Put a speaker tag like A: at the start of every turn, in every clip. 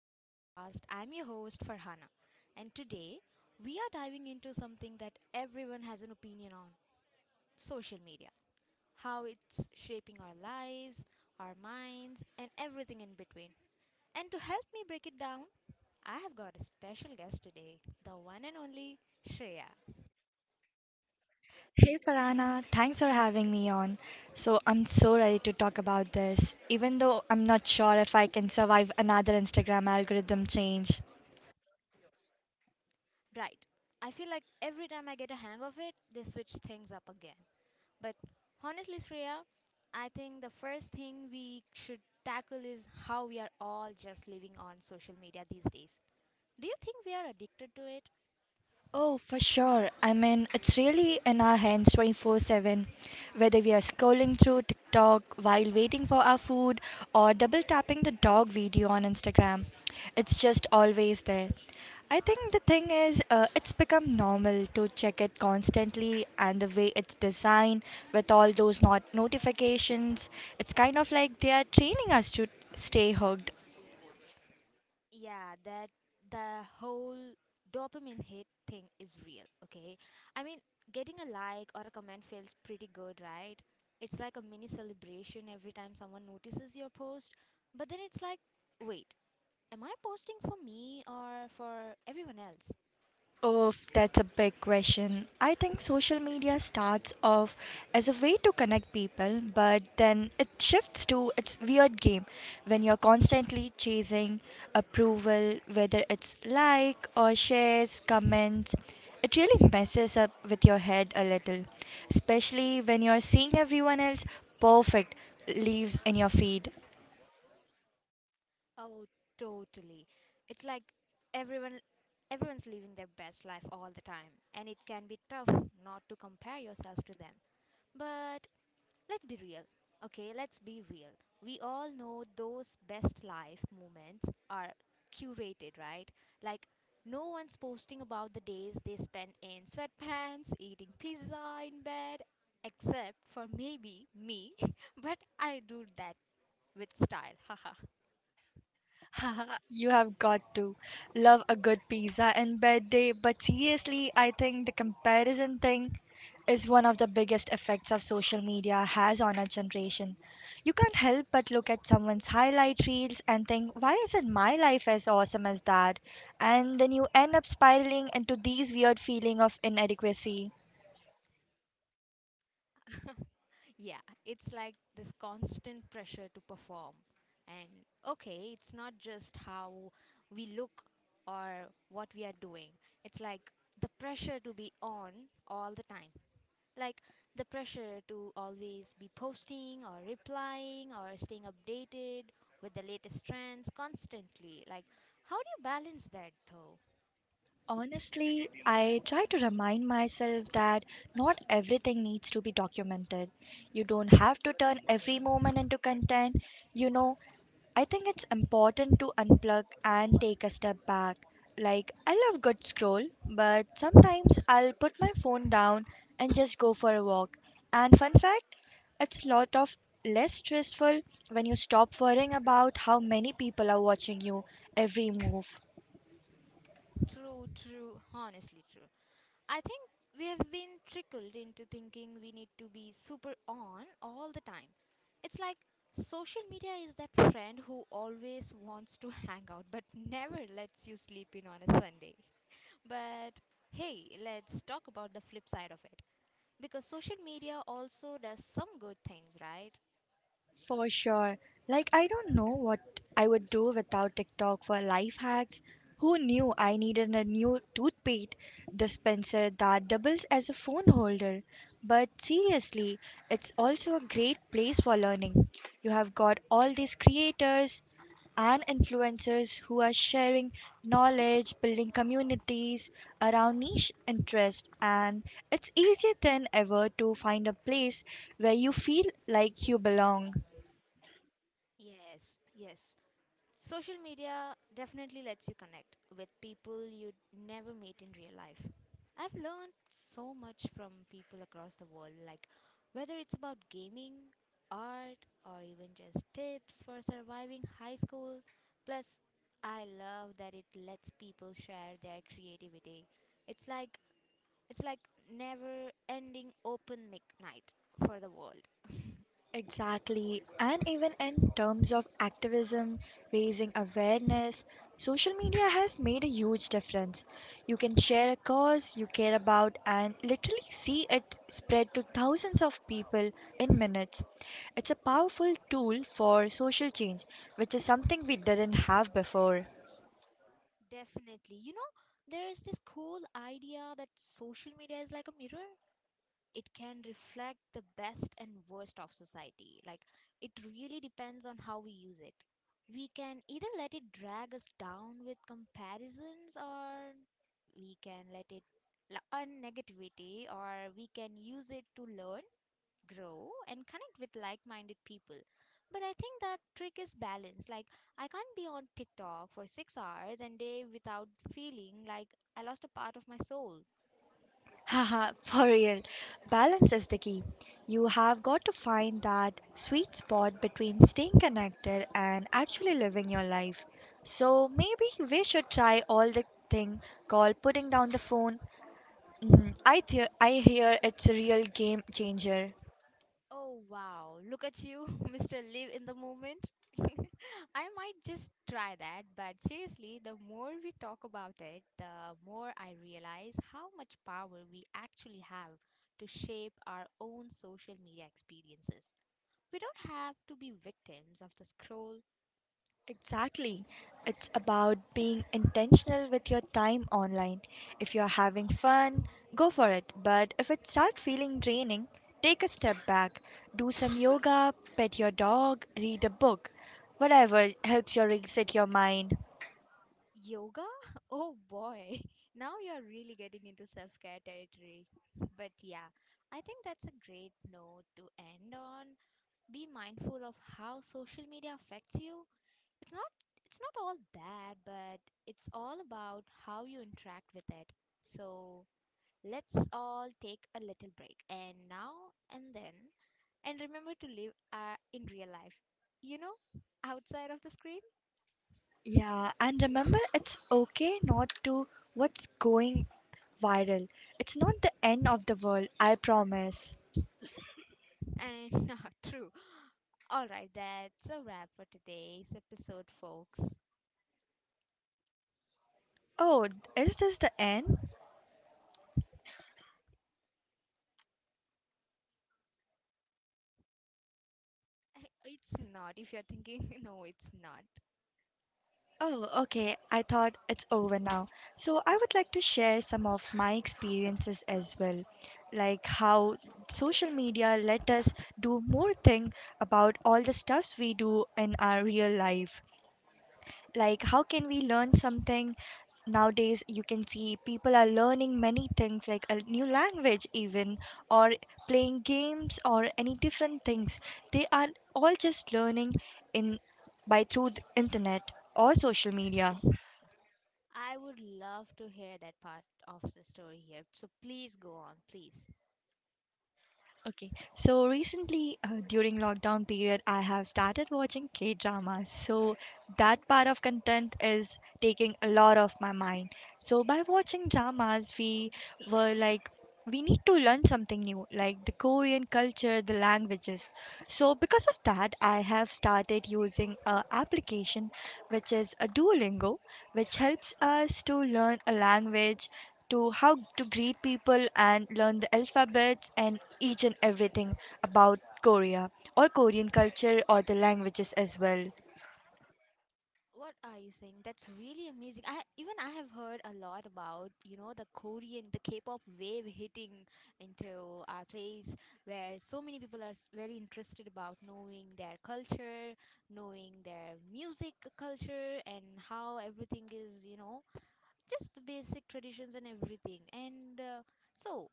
A: to the podcast. I'm your host Farhana, and today we are diving into something that everyone has an opinion on: social media, how it's shaping our lives, our minds, and everything in between. And to help me break it down, I have got a special guest today, the one and only Shreya.
B: Hey Farana, thanks for having me on. So I'm so ready to talk about this, even though I'm not sure if I can survive another Instagram algorithm change.
A: Right, I feel like every time I get a hang of it, they switch things up again. But honestly, Shreya, I think the first thing we should tackle is how we are all just living on social media these days. Do you think we are addicted to it?
B: Oh, for sure. I mean, it's really in our hands 24/7. Whether we are scrolling through TikTok while waiting for our food or double tapping the dog video on Instagram, it's just always there. I think the thing is, it's become normal to check it constantly, and the way it's designed with all those not notifications, it's kind of like they are training us to stay hooked.
A: Yeah, that the whole dopamine hit thing is real, okay? I mean, getting a like or a comment feels pretty good, right? It's like a mini celebration every time someone notices your post. But then it's like, wait, am I posting for me or for everyone else?
B: Oh, that's a big question. I think social media starts off as a way to connect people, but then it shifts to its weird game when you're constantly chasing approval, whether it's like or shares, comments. It really messes up with your head a little, especially when you're seeing everyone else perfect leaves in your feed.
A: Oh, totally. It's like everyone everyone's living their best life all the time, and it can be tough not to compare yourself to them. But let's be real. Okay, let's be real. We all know those best life moments are curated, right? Like no one's posting about the days they spend in sweatpants, eating pizza in bed, except for maybe me, but I do that with style.
B: Haha, you have got to love a good pizza and bed day, but seriously, I think the comparison thing is one of the biggest effects of social media has on our generation. You can't help but look at someone's highlight reels and think, why isn't my life as awesome as that? And then you end up spiraling into these weird feeling of inadequacy.
A: Yeah, it's like this constant pressure to perform. And okay, it's not just how we look or what we are doing, it's like the pressure to be on all the time. Like the pressure to always be posting or replying or staying updated with the latest trends constantly. Like, how do you balance that though?
B: Honestly, I try to remind myself that not everything needs to be documented. You don't have to turn every moment into content. You know, I think it's important to unplug and take a step back. Like, I love good scroll, but sometimes I'll put my phone down and just go for a walk. And fun fact, it's a lot of less stressful when you stop worrying about how many people are watching you every move.
A: True, true, honestly true. I think we have been trickled into thinking we need to be super on all the time. It's like social media is that friend who always wants to hang out but never lets you sleep in on a Sunday. But hey, let's talk about the flip side of it. Because social media also does some good things, right?
B: For sure. Like, I don't know what I would do without TikTok for life hacks. Who knew I needed a new toothpaste dispenser that doubles as a phone holder? But seriously, it's also a great place for learning. You have got all these creators and influencers who are sharing knowledge, building communities around niche interest, and it's easier than ever to find a place where you feel like you belong.
A: Yes, yes. Social media definitely lets you connect with people you'd never meet in real life. I've learned so much from people across the world, like whether it's about gaming, art, or even just tips for surviving high school. Plus, I love that it lets people share their creativity. It's like it's like never ending open mic night for the world.
B: Exactly. And even in terms of activism, raising awareness, social media has made a huge difference. You can share a cause you care about and literally see it spread to thousands of people in minutes. It's a powerful tool for social change, which is something we didn't have before.
A: Definitely. You know, there's this cool idea that social media is like a mirror. It can reflect the best and worst of society. Like it really depends on how we use it. We can either let it drag us down with comparisons or we can on negativity, or we can use it to learn, grow and connect with like-minded people. But I think that trick is balance. Like I can't be on TikTok for 6 hours and day without feeling like I lost a part of my soul.
B: Haha, for real. Balance is the key. You have got to find that sweet spot between staying connected and actually living your life. So maybe we should try all the thing called putting down the phone. Mm, I hear it's a real game changer.
A: Oh wow, look at you, Mr. Live in the moment. I might just try that, but seriously, the more we talk about it, the more I realize how much power we actually have to shape our own social media experiences. We don't have to be victims of the scroll.
B: Exactly. It's about being intentional with your time online. If you're having fun, go for it. But if it starts feeling draining, take a step back. Do some yoga, pet your dog, read a book. Whatever helps you reset your mind.
A: Yoga? Oh boy, now you're really getting into self care territory. But yeah, I think that's a great note to end on. Be mindful of how social media affects you. It's not it's not all bad, but it's all about how you interact with it. So let's all take a little break and now and then and remember to live in real life. You know, outside of the screen.
B: Yeah, and remember it's okay not to what's going viral. It's not the end of the world, I promise.
A: And ah, true. All right, that's a wrap for today's episode, folks.
B: Oh, is this the end?
A: It's not if you're thinking no, it's not.
B: Oh, okay. I thought it's over now. So I would like to share some of my experiences as well, like how social media let us do more thing about all the stuffs we do in our real life. Like how can we learn something? Nowadays, you can see people are learning many things like a new language even or playing games or any different things. They are all just learning in by through the internet or social media.
A: I would love to hear that part of the story here. So please go on, please.
B: Okay, so recently during lockdown period, I have started watching K dramas. So that part of content is taking a lot of my mind. So by watching dramas, we were like, we need to learn something new, like the Korean culture, the languages. So because of that, I have started using a application which is a Duolingo which helps us to learn a language, to how to greet people and learn the alphabets and each and everything about Korea or Korean culture or the languages as well.
A: What are you saying? That's really amazing. I have heard a lot about, you know, the Korean, the K-pop wave hitting into our place where so many people are very interested about knowing their culture, knowing their music culture and how everything is, you know, just the basic traditions and everything. And so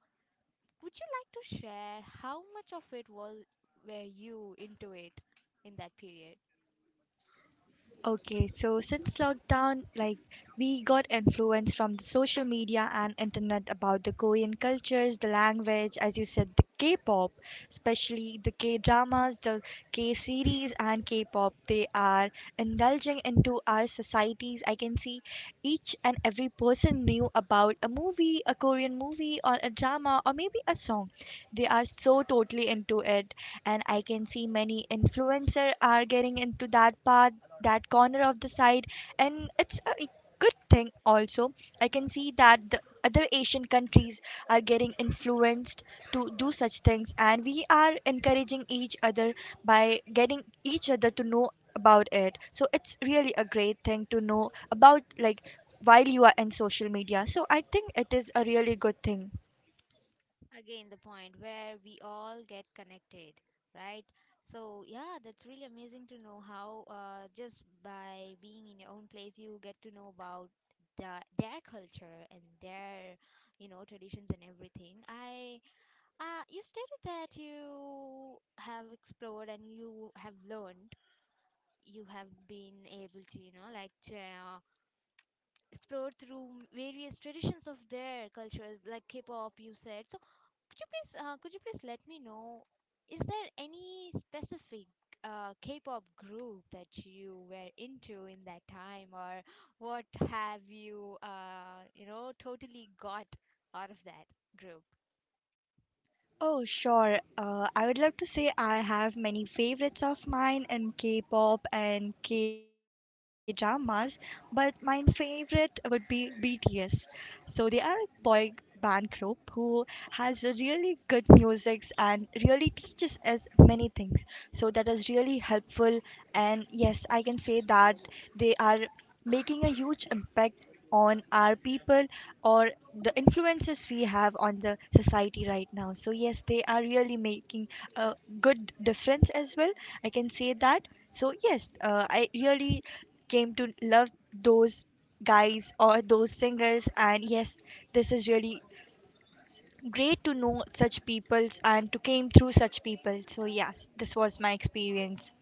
A: would you like to share how much of it was were you into it in that period?
B: Okay, so since lockdown, like we got influence from the social media and internet about the Korean cultures, the language, as you said, the K-pop, especially the K-dramas, the K-series, and K-pop. They are indulging into our societies. I can see each and every person knew about a movie, a Korean movie, or a drama, or maybe a song. They are so totally into it, and I can see many influencer are getting into that part that corner of the side, and it's a good thing also. I can see that the other Asian countries are getting influenced to do such things, and we are encouraging each other by getting each other to know about it. So it's really a great thing to know about, like while you are in social media. So I think it is a really good thing.
A: Again, the point where we all get connected, right? So yeah, that's really amazing to know how just by being in your own place, you get to know about the, their culture and their, you know, traditions and everything. I you stated that you have explored and you have learned you have been able to, you know, like explored through various traditions of their cultures, like K-pop, you said. So could you please let me know, is there any specific K-pop group that you were into in that time, or what have you, you know, totally got out of that group?
B: Oh, sure. I would love to say I have many favorites of mine in K-pop and K-dramas, but my favorite would be BTS. So they are a boy band group who has a really good musics and really teaches us many things. So that is really helpful. And yes, I can say that they are making a huge impact on our people or the influences we have on the society right now. So, yes, they are really making a good difference as well. I can say that. So, yes, I really came to love those guys or those singers, and yes, this is really great to know such peoples and to came through such people. So yes, this was my experience.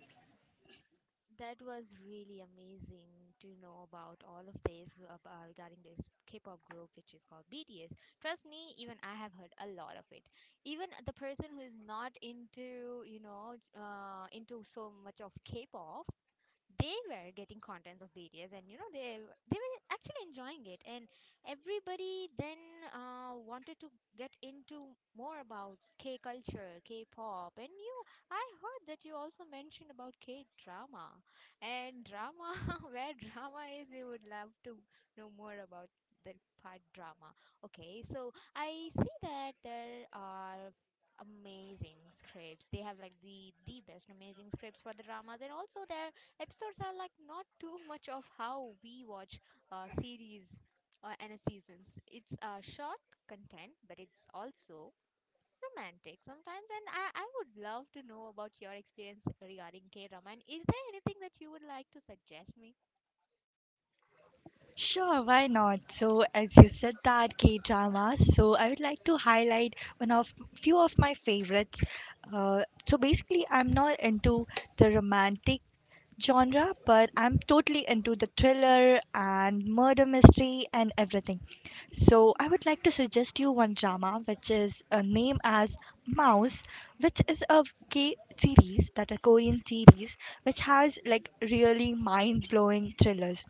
A: That was really amazing to know about all of this regarding this K-pop group, which is called BTS. Trust me, even I have heard a lot of it. Even the person who is not into, you know, into so much of K-pop, they were getting contents of videos, and you know they were actually enjoying it, and everybody then wanted to get into more about K culture, K-pop, and you. I heard that you also mentioned about K-drama, and drama where drama is, we would love to know more about the part drama. Okay, so I see that there are amazing scripts they have, like the best amazing scripts for the dramas, and also there episodes are like not too much of how we watch series and seasons. It's short content, but it's also romantic sometimes. And I would love to know about your experience regarding K drama. And is there anything that you would like to suggest me?
B: Sure, why not? So, as you said that K dramas, so I would like to highlight one of few of my favorites. Uh, so basically, I'm not into the romantic genre, but I'm totally into the thriller and murder mystery and everything. So I would like to suggest you one drama which is named as Mouse, which is a K series, that a Korean series which has like really mind blowing thrillers.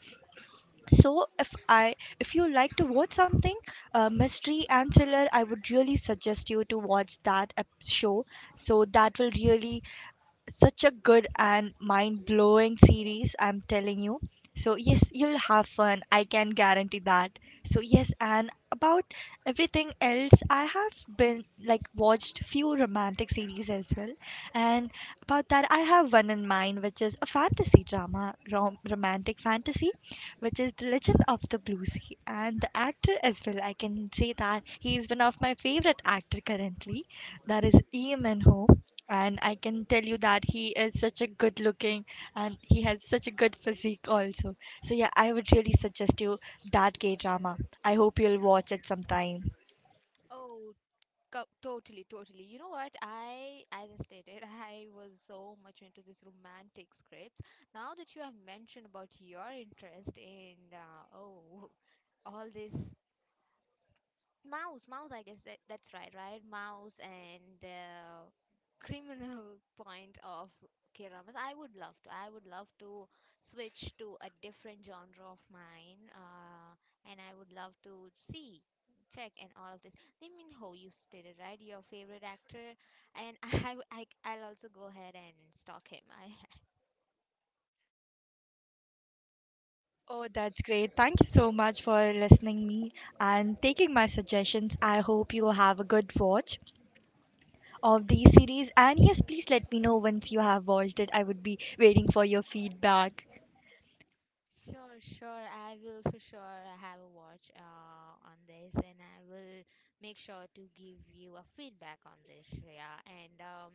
B: So if I if you like to watch something mystery and thriller, I would really suggest you to watch that show. So that will really such a good and mind-blowing series, I'm telling you. So yes, you'll have fun, I can guarantee that. So yes, and about everything else, I have been like watched few romantic series as well, and about that I have one in mind, which is a fantasy drama, romantic fantasy, which is the Legend of the Blue Sea. And the actor as well, I can say that he is one of my favorite actor currently, that is Eamon Ho. And I can tell you that he is such a good looking and he has such a good physique also. So yeah, I would really suggest you that K drama. I hope you'll watch it sometime.
A: Oh, totally, totally. You know what? I, as I stated, I was so much into this romantic scripts. Now that you have mentioned about your interest in, all this Mouse, mouse, I guess that, that's right, right? Mouse and criminal point of K-dramas. I would love to. I would love to switch to a different genre of mine, and I would love to see, check, and all of this. Lee Min Ho, you stated right, your favorite actor, and I will also go ahead and stalk him. I,
B: Oh, that's great. Thank you so much for listening me and taking my suggestions. I hope you have a good watch of the series, and yes, please let me know once you have watched it. I would be waiting for your feedback.
A: sure, sure. I will for sure have a watch on this and I will make sure to give you a feedback on this, Shreya. And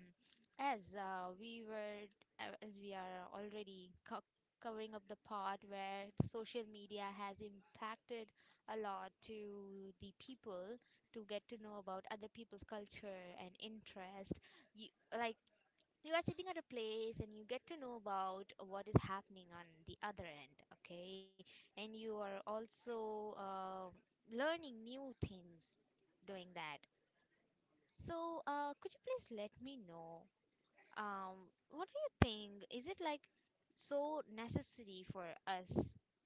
A: as as we are already covering up the part where the social media has impacted a lot to the people to get to know about other people's culture and interest. You, like you are sitting at a place and you get to know about what is happening on the other end, okay, and you are also learning new things doing that. So could you please let me know, what do you think, is it like so necessary for us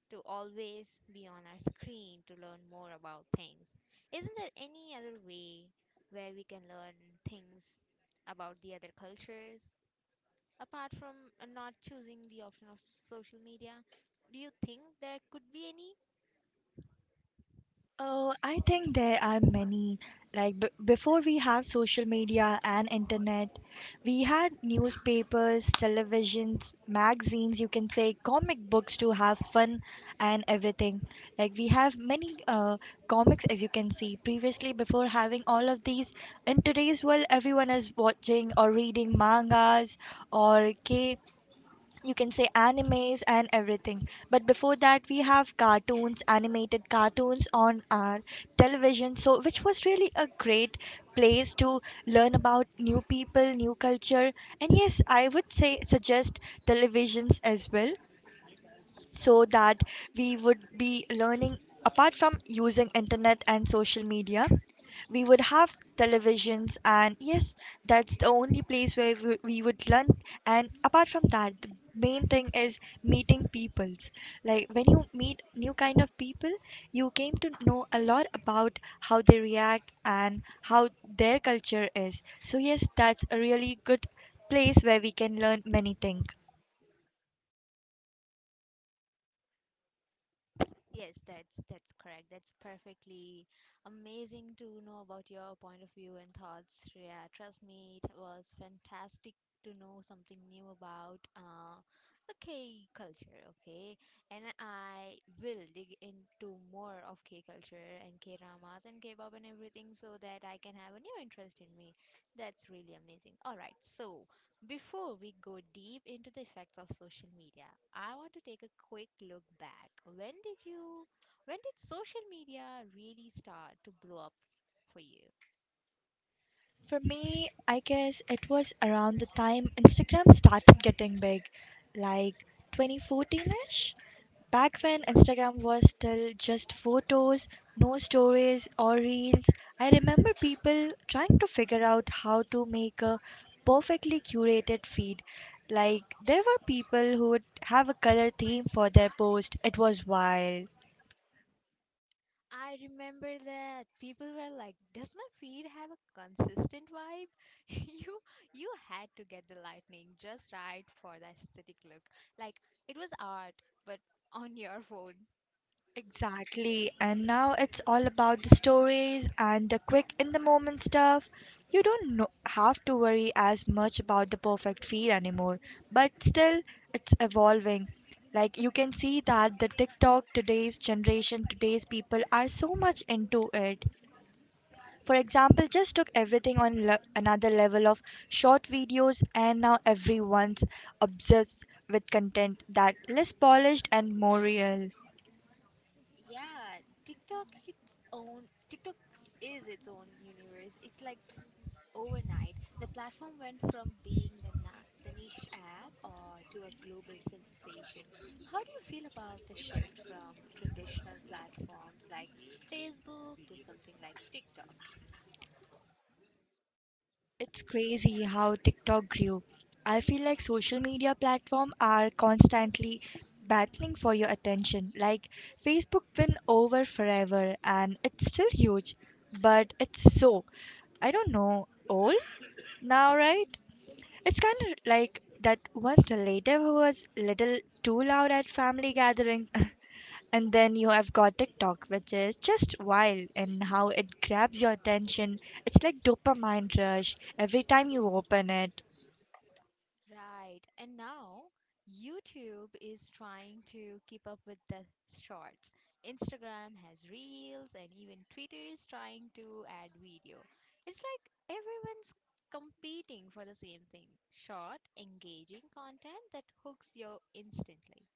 A: to always be on our screen to learn more about things? Isn't there any other way where we can learn things about the other cultures apart from not choosing the option of social media? Do you think there could be any?
B: Oh, I think there are many. Like before we have social media and internet, we had newspapers, televisions, magazines, you can say comic books to have fun and everything. Like we have many comics as you can see. Previously, before having all of these, in today's world, everyone is watching or reading mangas or K, you can say animes and everything. But before that we have cartoons, animated cartoons on our television, so which was really a great place to learn about new people, new culture. And yes, I would say suggest televisions as well, so that we would be learning apart from using internet and social media. We would have televisions, and yes, that's the only place where we would learn. And apart from that, the main thing is meeting peoples. Like when you meet new kind of people, you came to know a lot about how they react and how their culture is. So yes, that's a really good place where we can learn many things.
A: Yes, that's correct. That's perfectly amazing to know about your point of view and thoughts, Shreya. Trust me, it was fantastic to know something new about the K culture. Okay, and I will dig into more of K culture and K dramas and K pop and everything so that I can have a new interest in me. That's really amazing. All right, so before we go deep into the effects of social media, I want to take a quick look back. When did social media really start to blow up for you?
B: For me, I guess it was around the time Instagram started getting big, like 2014 ish. Back when Instagram was still just photos, no stories or reels, I remember people trying to figure out how to make a perfectly curated feed. Like, there were people who would have a color theme for their post. It was wild.
A: I remember that people were like, "Does my feed have a consistent vibe?" you you had to get the lightning just right for the aesthetic look. Like it was art, but on your phone.
B: Exactly. And now it's all about the stories and the quick in the moment stuff. You don't know, have to worry as much about the perfect feed anymore, but still, it's evolving. Like you can see that the TikTok, today's generation, today's people are so much into it. For example, just took everything on another level of short videos, and now everyone's obsessed with content that less polished and more real.
A: Yeah, TikTok is its own universe. It's like overnight, the platform went from being the niche app or to a global sensation. How do you feel about the shift from traditional platforms like Facebook to something like TikTok?
B: It's crazy how TikTok grew. I feel like social media platforms are constantly battling for your attention. Like Facebook win over forever and it's still huge, but it's so, I don't know, old now, right? It's kind of like that one relative who was little too loud at family gatherings And then you have got TikTok, which is just wild and how it grabs your attention. It's like dopamine rush every time you open it.
A: Right. And now YouTube is trying to keep up with the shorts. Instagram has reels, and even Twitter is trying to add video. It's like everyone's competing for the same thing: short, engaging content that hooks you instantly.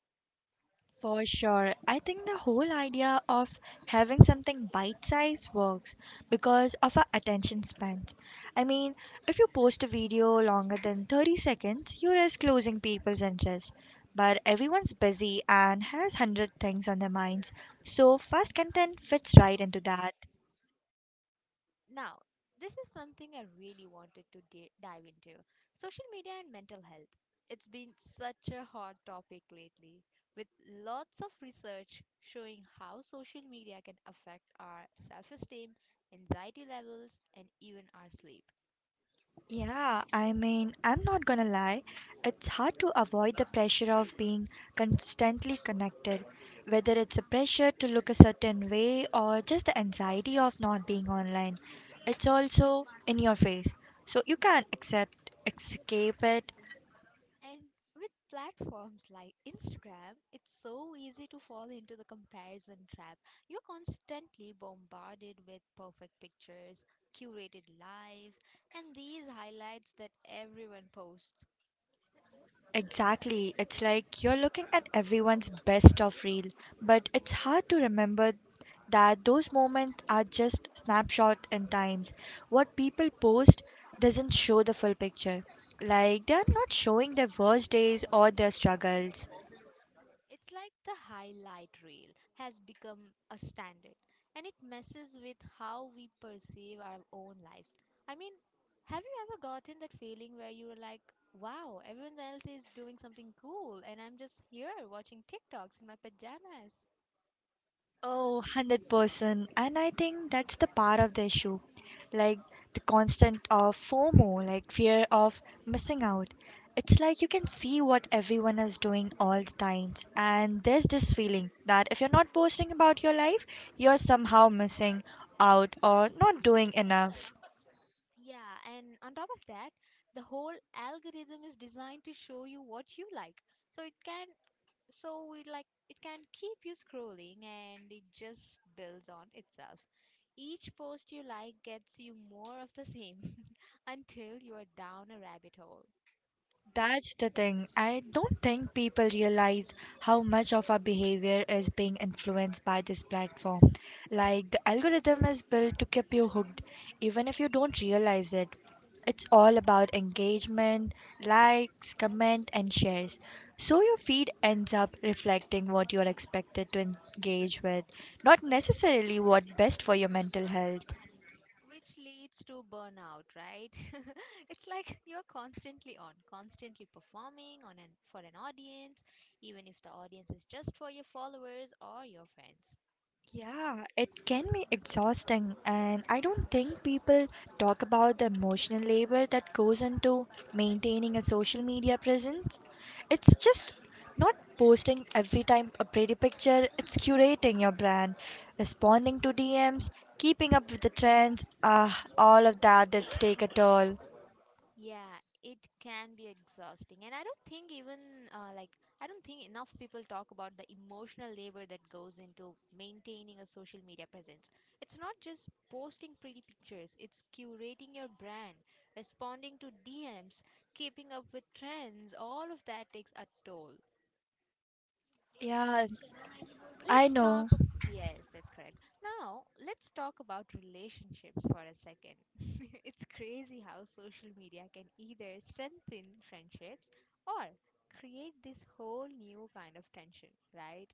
B: For sure. I think the whole idea of having something bite size works because of our attention spans. I mean, if you post a video longer than 30 seconds, you risk losing people's interest. But everyone's busy and has 100 things on their minds, so fast content fits right into that.
A: Now, this is something I really wanted to dive into: social media and mental health. It's been such a hot topic lately, with lots of research showing how social media can affect our self esteem, anxiety levels, and even our sleep.
B: Yeah, I mean, I'm not gonna lie, it's hard to avoid the pressure of being constantly connected, whether it's a pressure to look a certain way or just the anxiety of not being online. It's also in your face, so you can't accept escape it.
A: And with platforms like Instagram, it's so easy to fall into the comparison trap. You're constantly bombarded with perfect pictures, curated lives, and these highlights that everyone posts.
B: Exactly. It's like you're looking at everyone's best of reel, but it's hard to remember that those moments are just snapshot in times. What people post doesn't show the full picture. Like they're not showing their worst days or their struggles.
A: It's like the highlight reel has become a standard and it messes with how we perceive our own lives. I mean, have you ever gotten that feeling where you were like, wow, everyone else is doing something cool and I'm just here watching TikToks in my pajamas?
B: Oh, 100%. And I think that's the part of the issue. Like the constant of FOMO, like fear of missing out. It's like you can see what everyone is doing all the time, and there's this feeling that if you're not posting about your life, you're somehow missing out or not doing enough.
A: Yeah, and on top of that, the whole algorithm is designed to show you what you like. So it can so we like it can keep you scrolling and it just builds on itself, each post you like gets you more of the same until you are down a rabbit hole,
B: That's the thing. I don't think people realize how much of our behavior is being influenced by this platform. Like, the algorithm is built to keep you hooked, even if you don't realize it. It's all about engagement, likes, comment, and shares. So your feed ends up reflecting what you're expected to engage with, not necessarily what best for your mental health.
A: which leads to burnout, right? It's like you're constantly performing on an for an audience, even if the audience is just for your followers or your friends.
B: Yeah, it can be exhausting, and I don't think people talk about the emotional labor that goes into maintaining a social media presence. It's just not posting every time a pretty picture, it's curating your brand, responding to DMs, keeping up with the trends. Ah, all of that that's take a toll.
A: Yeah, it can be exhausting. And I don't think even like I don't think enough people talk about the emotional labor that goes into maintaining a social media presence. It's not just posting pretty pictures, it's curating your brand, responding to DMs, keeping up with trends. All of that takes a toll.
B: Yeah, I
A: Let's
B: know.
A: talk of yes, that's correct. Now, let's talk about relationships for a second. It's crazy how social media can either strengthen friendships or create this whole new kind of tension, right?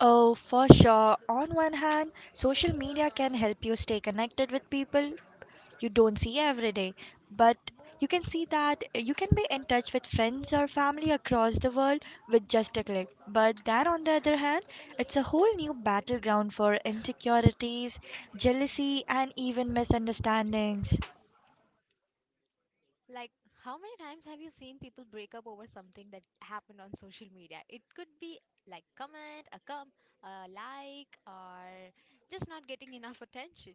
B: Oh, for sure. On one hand, social media can help you stay connected with people you don't see every day, but you can see that you can be in touch with friends or family across the world with just a click. But that, on the other hand, it's a whole new battleground for insecurities, jealousy, and even misunderstandings.
A: Like, how many times have you seen people break up over something that happened on social media? It could be like a like, or just not getting enough attention.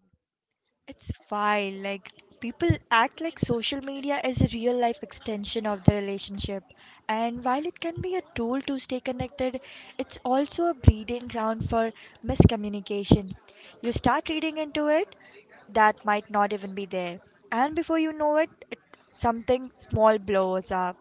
B: It's fine. Like people act like social media is a real life extension of the relationship. And while it can be a tool to stay connected, it's also a breeding ground for miscommunication. You start reading into it that might not even be there. And before you know it, it something small blows up.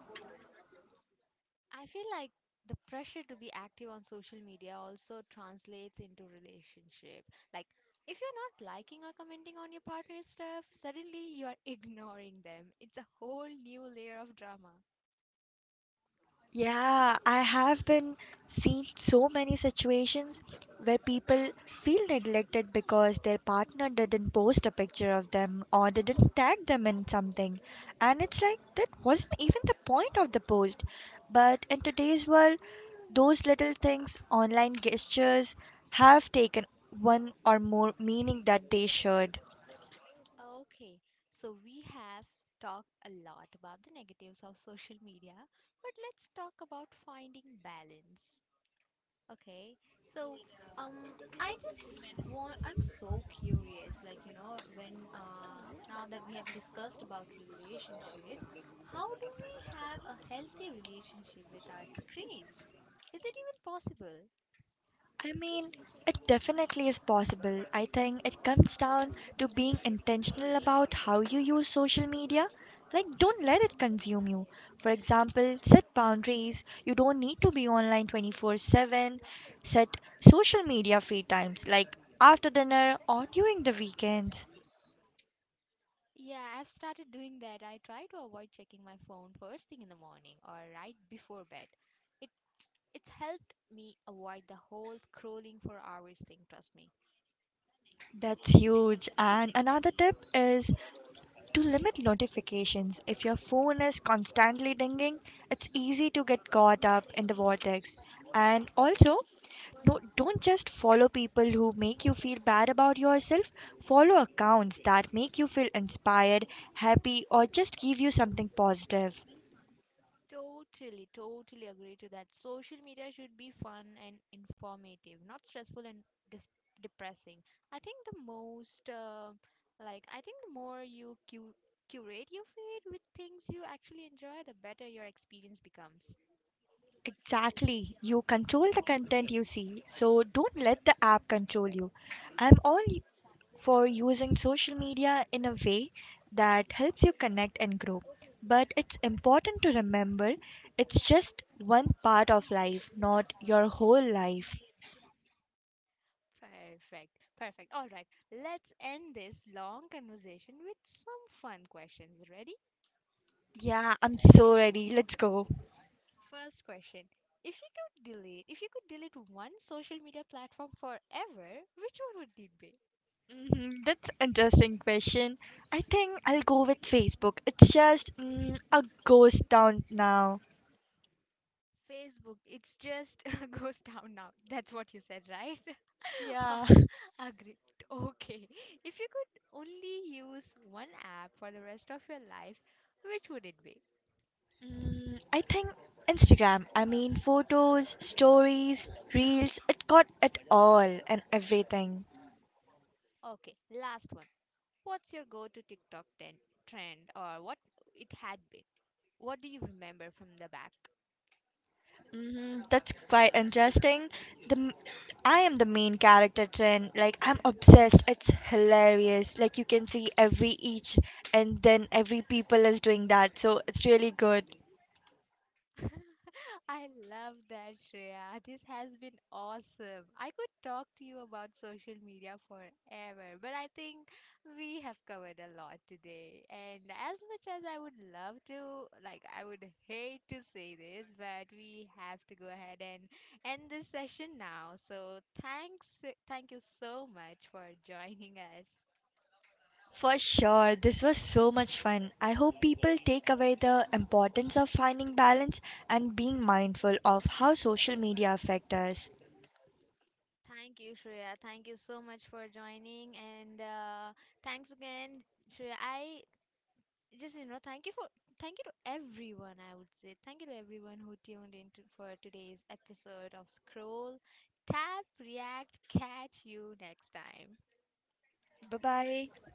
A: I feel like the pressure to be active on social media also translates into relationship. Like if you're not liking or commenting on your partner's stuff, suddenly you are ignoring them. It's a whole new layer of drama.
B: Yeah, I have been seen so many situations where people feel neglected because their partner didn't post a picture of them or didn't tag them in something. And it's like that wasn't even the point of the post. But in today's world, those little things, online gestures, have taken one or more meaning that they should.
A: Okay, so we have talked a lot about the negatives of social media, but let's talk about finding balance. Okay. So, I'm so curious, like, when, now that we have discussed about relationship, how do we have a healthy relationship with our screens? Is it even possible?
B: I mean, it definitely is possible. I think it comes down to being intentional about how you use social media. Like, don't let it consume you. For example, set boundaries. You don't need to be online 24/7. Set social media free times, like after dinner or during the weekends.
A: Yeah, I've started doing that. I try to avoid checking my phone first thing in the morning or right before bed. It it's helped me avoid the whole scrolling for hours thing, trust me.
B: That's huge. And another tip is to limit notifications, if your phone is constantly dinging, it's easy to get caught up in the vortex. And also, no, don't just follow people who make you feel bad about yourself. Follow accounts that make you feel inspired, happy, or just give you something positive.
A: Totally, totally agree to that. Social media should be fun and informative, not stressful and dis- depressing. I think I think the more you curate your feed with things you actually enjoy, the better your experience becomes.
B: Exactly. You control the content you see, so don't let the app control you. I'm all for using social media in a way that helps you connect and grow. But it's important to remember it's just one part of life, not your whole life.
A: Perfect, perfect. All right, let's end this long conversation with some fun questions. Ready?
B: Yeah, I'm so ready. Let's go.
A: First question. If you could delete one social media platform forever, which one would it be?
B: Mhm, that's interesting question. I think I'll go with Facebook. It's just a ghost town now.
A: Facebook, it's just goes down now. That's what you said, right?
B: Yeah.
A: Agreed. Okay. If you could only use one app for the rest of your life, which would it be?
B: Mm, I think Instagram. I mean, photos, stories, reels, it got it all and everything.
A: Okay, last one. What's your go to TikTok trend, or what it had been? What do you remember from the back?
B: Hmm, that's quite interesting. The m- I am the main character trend. Like I'm obsessed. It's hilarious. Like you can see every each and then every people is doing that. So it's really good.
A: I love that, Shreya. This has been awesome. I could talk to you about social media forever, but I think we have covered a lot today. And as much as I would love to, like, I would hate to say this, but we have to go ahead and end this session now. So thank you so much for joining us.
B: For sure, this was so much fun. I hope people take away the importance of finding balance and being mindful of how social media affect us.
A: Thank you, Shreya. Thank you so much for joining and. Thanks again, Shreya. I just you know thank you for thank you to everyone, I would say thank you to everyone who tuned in for today's episode of Scroll Tap React. Catch you next time.
B: Bye bye.